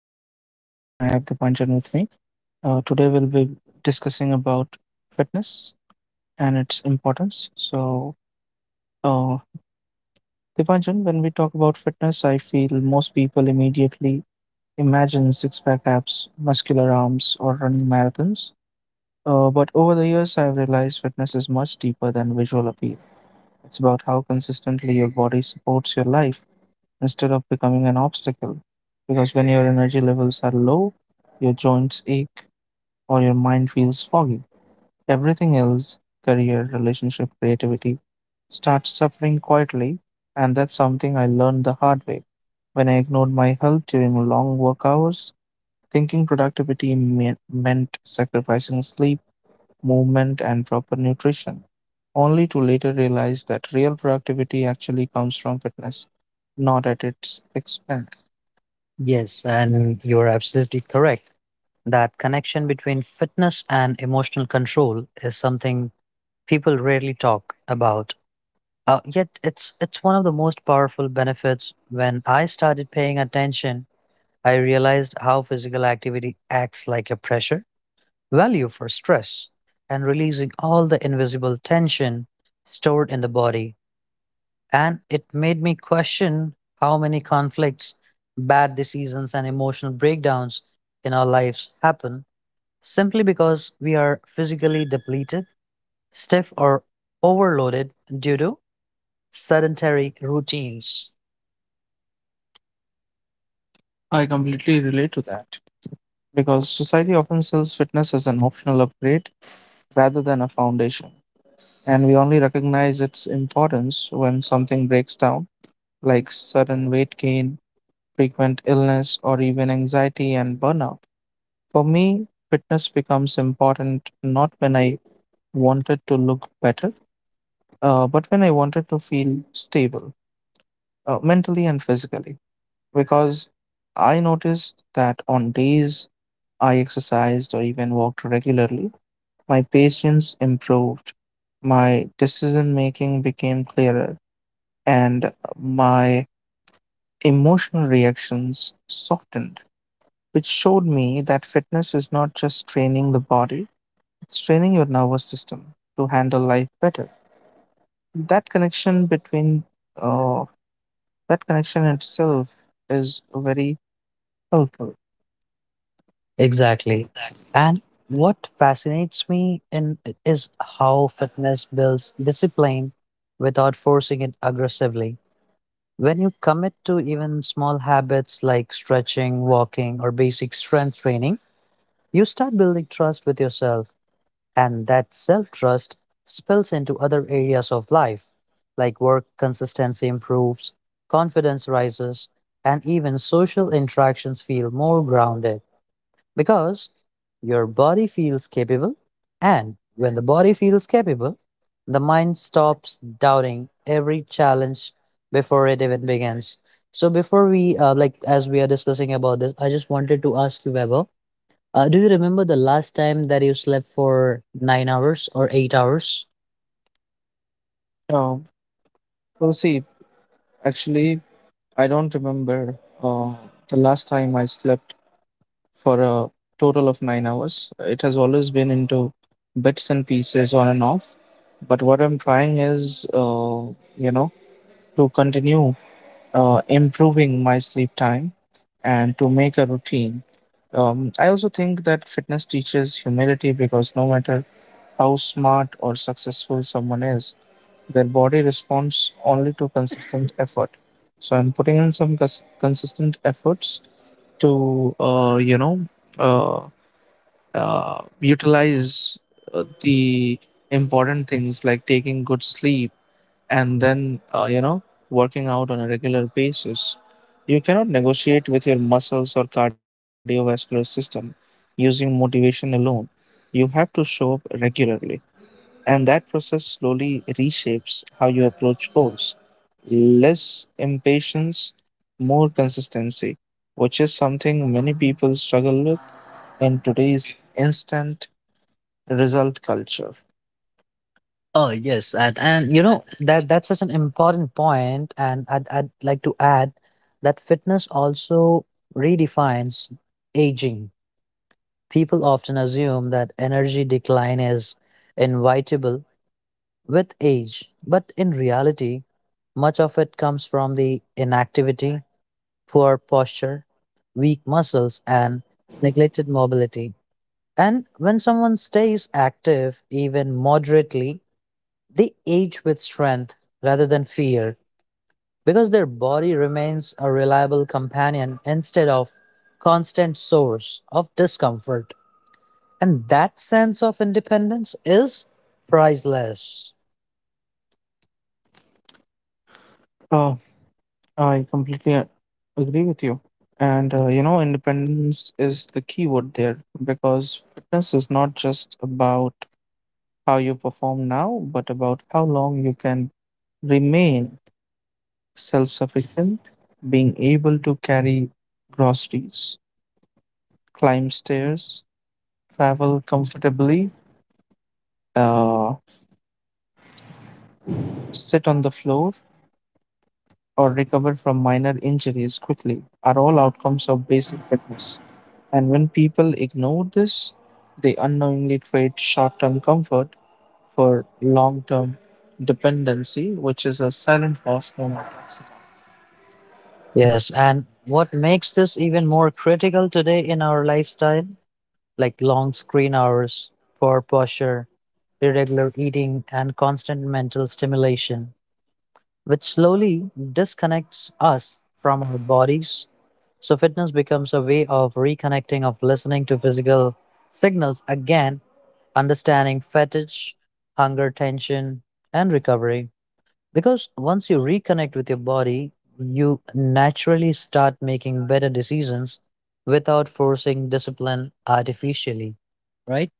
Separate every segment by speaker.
Speaker 1: My name is Vaibhav and I have the Dipanjan with me. Today we'll be discussing about fitness and its importance. So, uh, Dipanjan, when we talk about fitness, I feel most people immediately imagine six-pack abs, muscular arms, or running marathons. But over the years, I've realized fitness is much deeper than visual appeal. It's about how consistently your body supports your life instead of becoming an obstacle. Because when your energy levels are low, your joints ache, or your mind feels foggy, everything else, career, relationship, creativity, starts suffering quietly. And that's something I learned the hard way when I ignored my health during long work hours, thinking productivity meant sacrificing sleep, movement, and proper nutrition, only to later realize that real productivity actually comes from fitness, not at its expense. Yes, and you're absolutely correct. That connection between fitness and emotional control is something people rarely talk about. Yet it's one of the most powerful benefits. When I started paying attention, I realized how physical activity acts like a pressure value for stress and releasing all the invisible tension stored in the body, and it made me question how many conflicts, bad decisions, and emotional breakdowns in our lives happen simply because we are physically depleted, stiff, or overloaded due to sedentary routines. I completely relate to that because society often sells fitness as an optional upgrade rather than a foundation, and we only recognize its importance when something breaks down, like sudden weight gain, frequent illness, or even anxiety and burnout. For me, fitness becomes important not when I wanted to look better, but when I wanted to feel stable, mentally and physically. Because I noticed that on days I exercised or even walked regularly, my patience improved, my decision making became clearer, and my emotional reactions softened, which showed me that fitness is not just training the body, it's training your nervous system to handle life better. That connection between uh, that connection itself is very helpful. Exactly. And what fascinates me in is how fitness builds discipline without forcing it aggressively. When you commit to even small habits like stretching, walking, or basic strength training, you start building trust with yourself. And that self trust spills into other areas of life, like work consistency improves, confidence rises, and even social interactions feel more grounded because your body feels capable. And when the body feels capable, the mind stops doubting every challenge before it even begins. So, as we are discussing about this, I just wanted to ask you, Weber, do you remember the last time that you slept for 9 hours or 8 hours? Um, well, see, actually, I don't remember the last time I slept for a total of 9 hours. It has always been into bits and pieces on and off. But what I'm trying is, you know, to continue improving my sleep time and to make a routine. I also think that fitness teaches humility because no matter how smart or successful someone is, their body responds only to consistent effort. So I'm putting in some consistent efforts to uh, utilize the important things like taking good sleep and then, working out on a regular basis. You cannot negotiate with your muscles or cardiovascular system using motivation alone. You have to show up regularly, and that process slowly reshapes how you approach goals, less impatience, more consistency, which is something many people struggle with in today's instant result culture. Oh yes, and you know that that's such an important point, and I'd like to add that fitness also redefines aging. People often assume that energy decline is inevitable with age, but in reality, much of it comes from the inactivity, poor posture, weak muscles, and neglected mobility. And when someone stays active, even moderately, they age with strength rather than fear because their body remains a reliable companion instead of constant source of discomfort. And that sense of independence is priceless. Uh, I completely agree with you. And independence is the key word there because fitness is not just about how you perform now, but about how long you can remain self sufficient, being able to carry groceries, climb stairs, travel comfortably, uh, sit on the floor, or recover from minor injuries quickly are all outcomes of basic fitness. And when people ignore this, they unknowingly trade short term comfort for long term dependency, which is a silent loss known as toxicity. Yes, and what makes this even more critical today in our lifestyle, like long screen hours, poor posture, irregular eating, and constant mental stimulation, which slowly disconnects us from our bodies. So, fitness becomes a way of reconnecting, of listening to physical signals again, understanding fatigue, hunger, tension, and recovery. Because once you reconnect with your body, you naturally start making better decisions without forcing discipline artificially, right?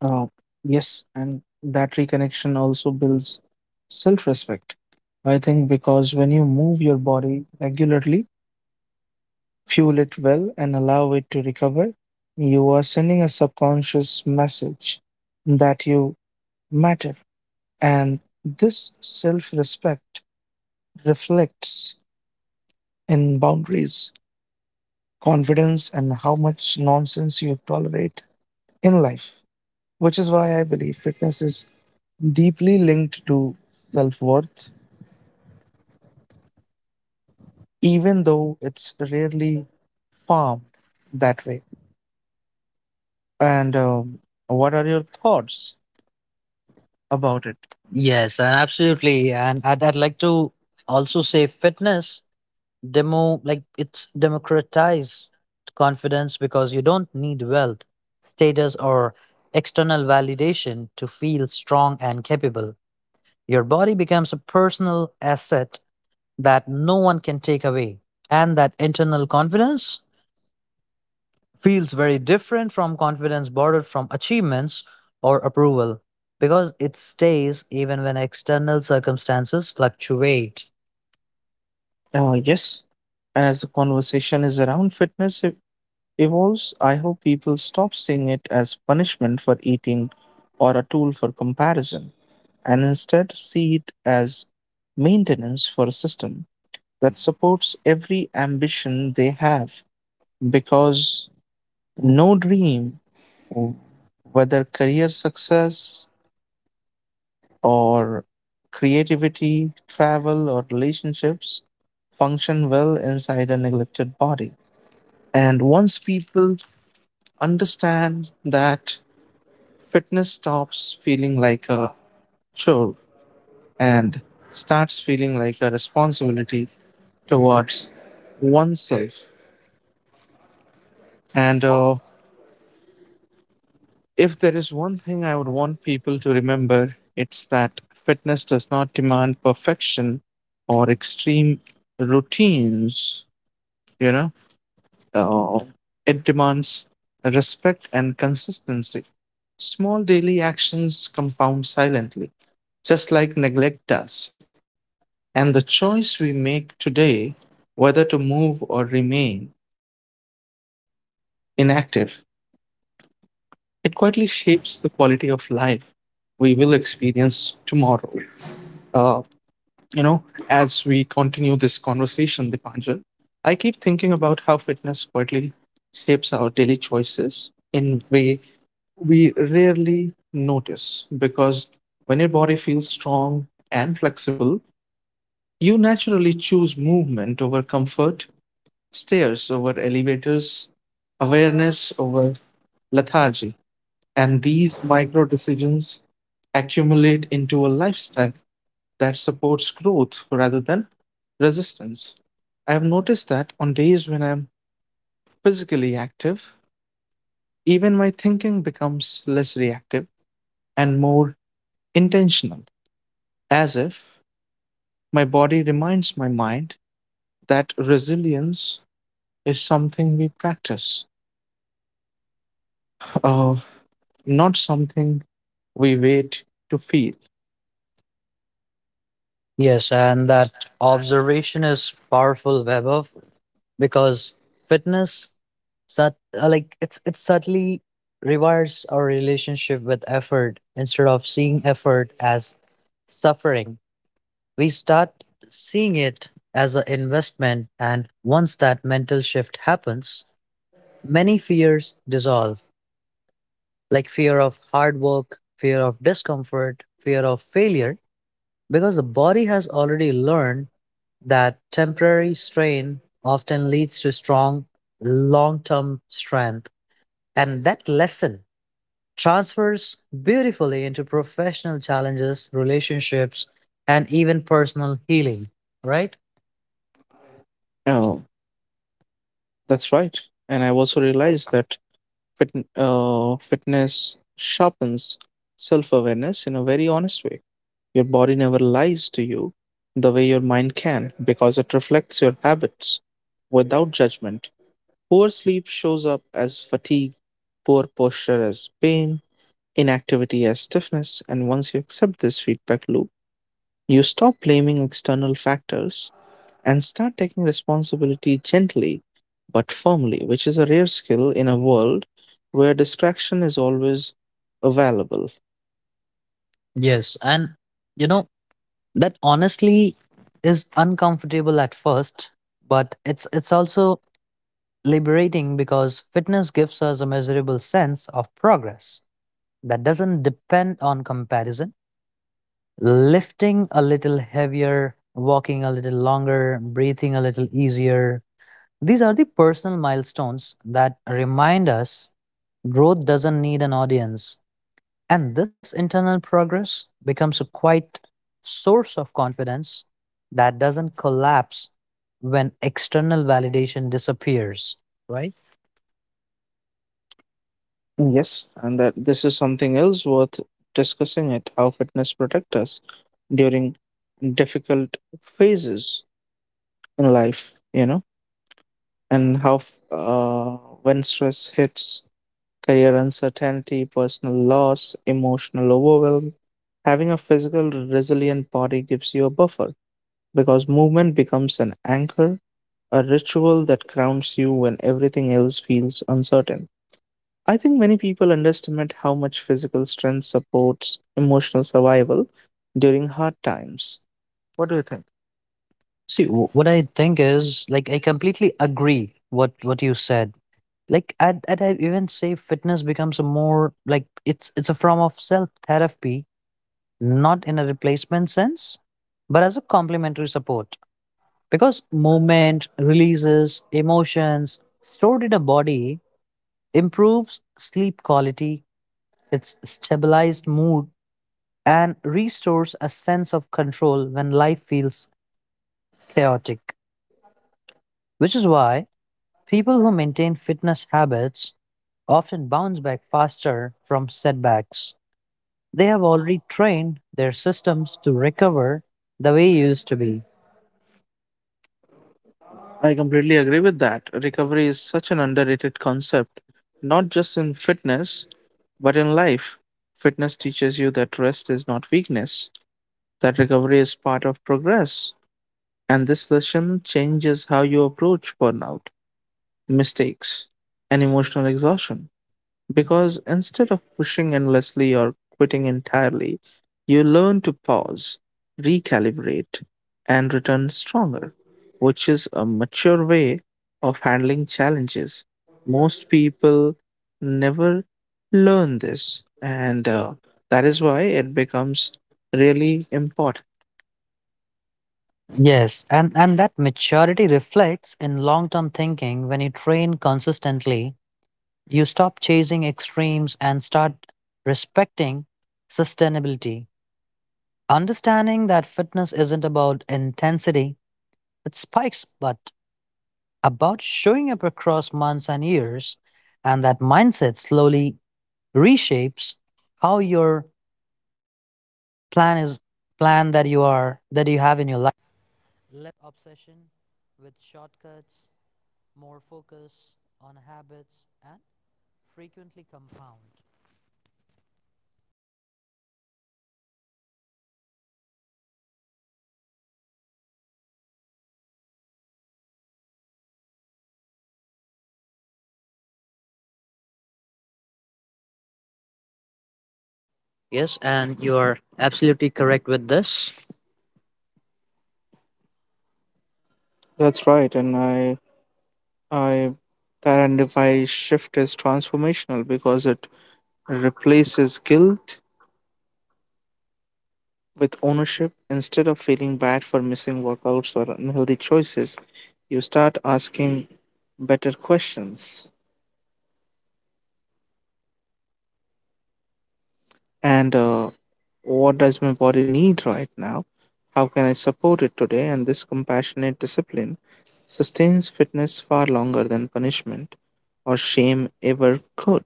Speaker 1: Uh, yes, and that reconnection also builds self respect. I think because when you move your body regularly, fuel it well, and allow it to recover, you are sending a subconscious message that you matter. And this self respect reflects in boundaries, confidence, and how much nonsense you tolerate in life, which is why I believe fitness is deeply linked to self worth, even though it's rarely farmed that way. And what are your thoughts about it? Yes, and absolutely. And I'd like to also say fitness demo like it's democratize confidence because you don't need wealth, status, or external validation to feel strong and capable. Your body becomes a personal asset that no one can take away. And that internal confidence feels very different from confidence borrowed from achievements or approval because it stays even when external circumstances fluctuate. Yes. And as the conversation is around fitness evolves, I hope people stop seeing it as punishment for eating or a tool for comparison, and instead see it as maintenance for a system that supports every ambition they have, because no dream, whether career success or creativity, travel, or relationships, function well inside a neglected body. And once people understand that, fitness stops feeling like a chore and starts feeling like a responsibility towards oneself and a... If there is one thing I would want people to remember, it's that fitness does not demand perfection or extreme routines, you know, uh, it demands respect and consistency. Small daily actions compound silently, just like neglect does. And the choice we make today, whether to move or remain inactive, it quietly shapes the quality of life we will experience tomorrow. Uh, you know, as we continue this conversation, Dipanjan, I keep thinking about how fitness quietly shapes our daily choices in way we rarely notice, because when your body feels strong and flexible, you naturally choose movement over comfort, stairs over elevators, awareness over lethargy. And these micro decisions accumulate into a lifestyle that supports growth rather than resistance. I have noticed that on days when I'm physically active, even my thinking becomes less reactive and more intentional, as if my body reminds my mind that resilience is something we practice, uh, not something we wait to feel. Yes, and that observation is powerful, Vaibhav, because fitness it subtly rewires our relationship with effort. Instead of seeing effort as suffering, we start seeing it as an investment, and once that mental shift happens, many fears dissolve, like fear of hard work, fear of discomfort, fear of failure, because the body has already learned that temporary strain often leads to strong long term strength. And that lesson transfers beautifully into professional challenges, relationships, and even personal healing, right? Oh, that's right. And I've also realized that fitness sharpens self awareness in a very honest way. Your body never lies to you the way your mind can because it reflects your habits without judgment. Poor sleep shows up as fatigue, poor posture as pain, inactivity as stiffness, and once you accept this feedback loop, you stop blaming external factors and start taking responsibility gently but firmly, which is a rare skill in a world where distraction is always available. Yes, and you know that honestly is uncomfortable at first, but it's also liberating because fitness gives us a measurable sense of progress that doesn't depend on comparison. Lifting a little heavier, walking a little longer, breathing a little easier. These are the personal milestones that remind us growth doesn't need an audience. And this internal progress becomes a quite source of confidence that doesn't collapse when external validation disappears, right? Yes, and that this is something else worth discussing it how fitness protect us during difficult phases in life, and how when stress hits, career uncertainty, personal loss, emotional overwhelm, having a physical resilient body gives you a buffer because movement becomes an anchor, a ritual that grounds you when everything else feels uncertain. I think many people underestimate how much physical strength supports emotional survival during hard times. What do you think? See, what I think is like I completely agree what you said. Like I even say fitness becomes a more like it's a form of self therapy, not in a replacement sense, but as a complementary support because movement releases emotions stored in a body, improves sleep quality, it's stabilized mood and restores a sense of control when life feels chaotic. Which is why people who maintain fitness habits often bounce back faster from setbacks. They have already trained their systems to recover the way it used to be. I completely agree with that. Recovery is such an underrated concept, not just in fitness, but in life. Fitness teaches you that rest is not weakness, that recovery is part of progress. And this lesson changes how you approach burnout, mistakes, and emotional exhaustion. Because instead of pushing endlessly or quitting entirely, you learn to pause, recalibrate, and return stronger, which is a mature way of handling challenges. Most people never learn this, and that is why it becomes really important. Yes, and that maturity reflects in long term thinking. When you train consistently, you stop chasing extremes and start respecting sustainability. Understanding that fitness isn't about intensity, it spikes, but about showing up across months and years. And that mindset slowly reshapes how your plan is plan that you are that you have in your.
Speaker 2: Yes, and you're absolutely correct with this. That's right, and I that, and if I shift is transformational because it replaces guilt with ownership instead of feeling bad for missing workouts or unhealthy choices. You start asking better questions. And What does my body need right now? How can I support it today? And this compassionate discipline sustains fitness far longer than punishment or shame ever could.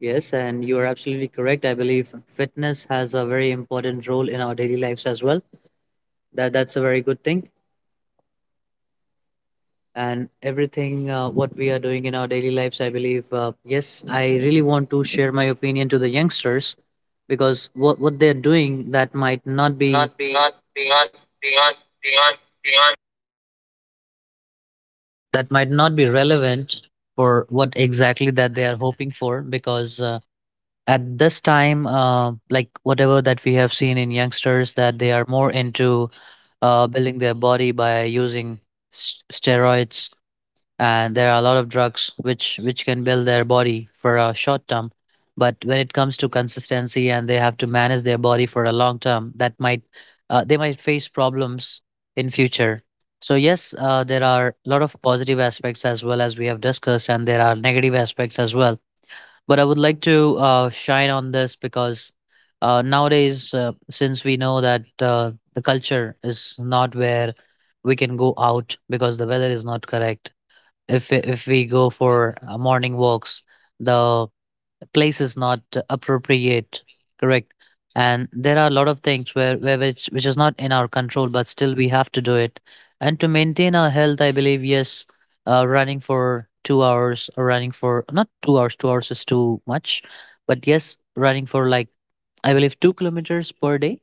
Speaker 2: Yes, and you are absolutely correct. I believe fitness has a very important role in our daily lives as well. That's a very good thing. And everything, what we are doing in our daily lives, I believe. Yes, I really want to share my opinion to the youngsters because what they're doing that might not Not be
Speaker 1: That might not be relevant for what exactly that they are hoping for, because at this time, like whatever that we have seen in youngsters, that they are more into building their body by using steroids, and there are a lot of drugs which can build their body for a short term, but when it comes to consistency and they have to manage their body for a long term, that might they might face problems in future. So yes, there are a lot of positive aspects as well, as we have discussed, and there are negative aspects as well, but I would like to shine on this, because nowadays, since we know that the culture is not where we can go out, because the weather is not correct. If we go for morning walks, the place is not appropriate, correct, and there are a lot of things where which is not in our control, but still we have to do it, and to maintain our health, I believe. Yes, running for 2 hours, or running for, not 2 hours, 2 hours is too much, but yes, running for, like, I believe, 2 kilometers per day,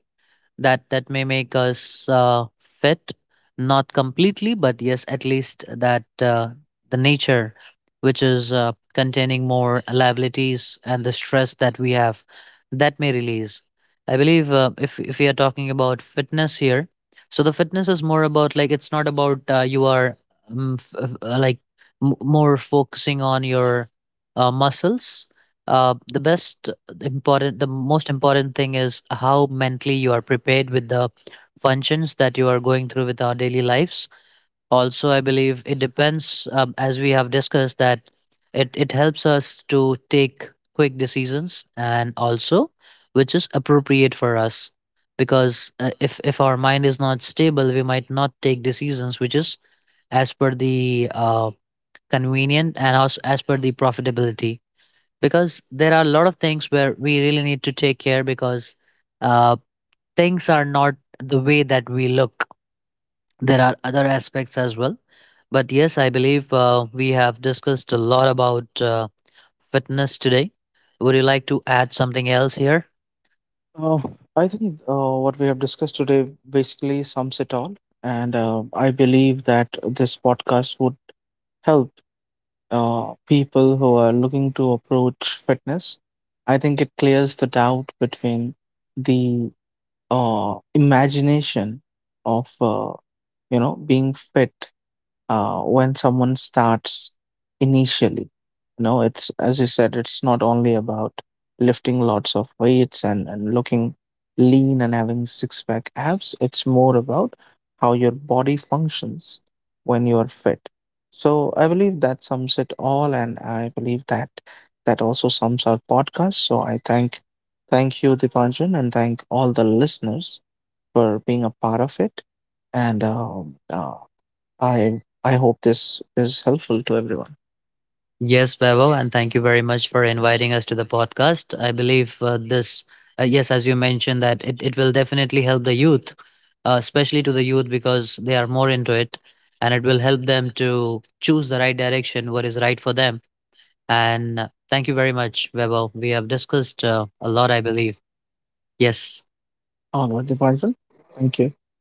Speaker 1: that may make us fit. Not completely, but yes, at least that, the nature, which is containing more liabilities, and the stress that we have, that may release. I believe, if we are talking about fitness here, so the fitness is more about, like, it's not about, you are like more focusing on your muscles. The best the important the most important thing is how mentally you are prepared with the functions that you are going through with our daily lives. Also, I believe it depends, as we have discussed, that it helps us to take quick decisions, and also which is appropriate for us, because if our mind is not stable, we might not take decisions which is as per the convenient, and also as per the profitability, because there are a lot of things where we really need to take care, because uh, things are not the way that we look. There are other aspects as well. But yes, I believe we have discussed a lot about fitness today. Would you like to add something else here? Uh, I think, what we have discussed today basically sums it all, and I believe that this podcast would help people who are looking to approach fitness. I think it clears the doubt between the imagination of being fit, when someone starts initially. You know, it's as you said, it's not only about lifting lots of weights, and looking lean and having six pack abs, it's more about how your body functions when you are fit. So I believe that sums it all, and I believe that that also sums our podcast. So I thank you, Dipanjan, and thank all the listeners for being a part of it. And I hope this is helpful to everyone. Yes, Vaibhav, and thank you very much for inviting us to the podcast. I believe, this, yes, as you mentioned, that it will definitely help the youth, especially to the youth, because they are more into it, and it will help them to choose the right direction, what is right for them. And thank you very much, Vaibhav. We have discussed a lot, I believe. Yes. All right, Dipanjan. Thank you.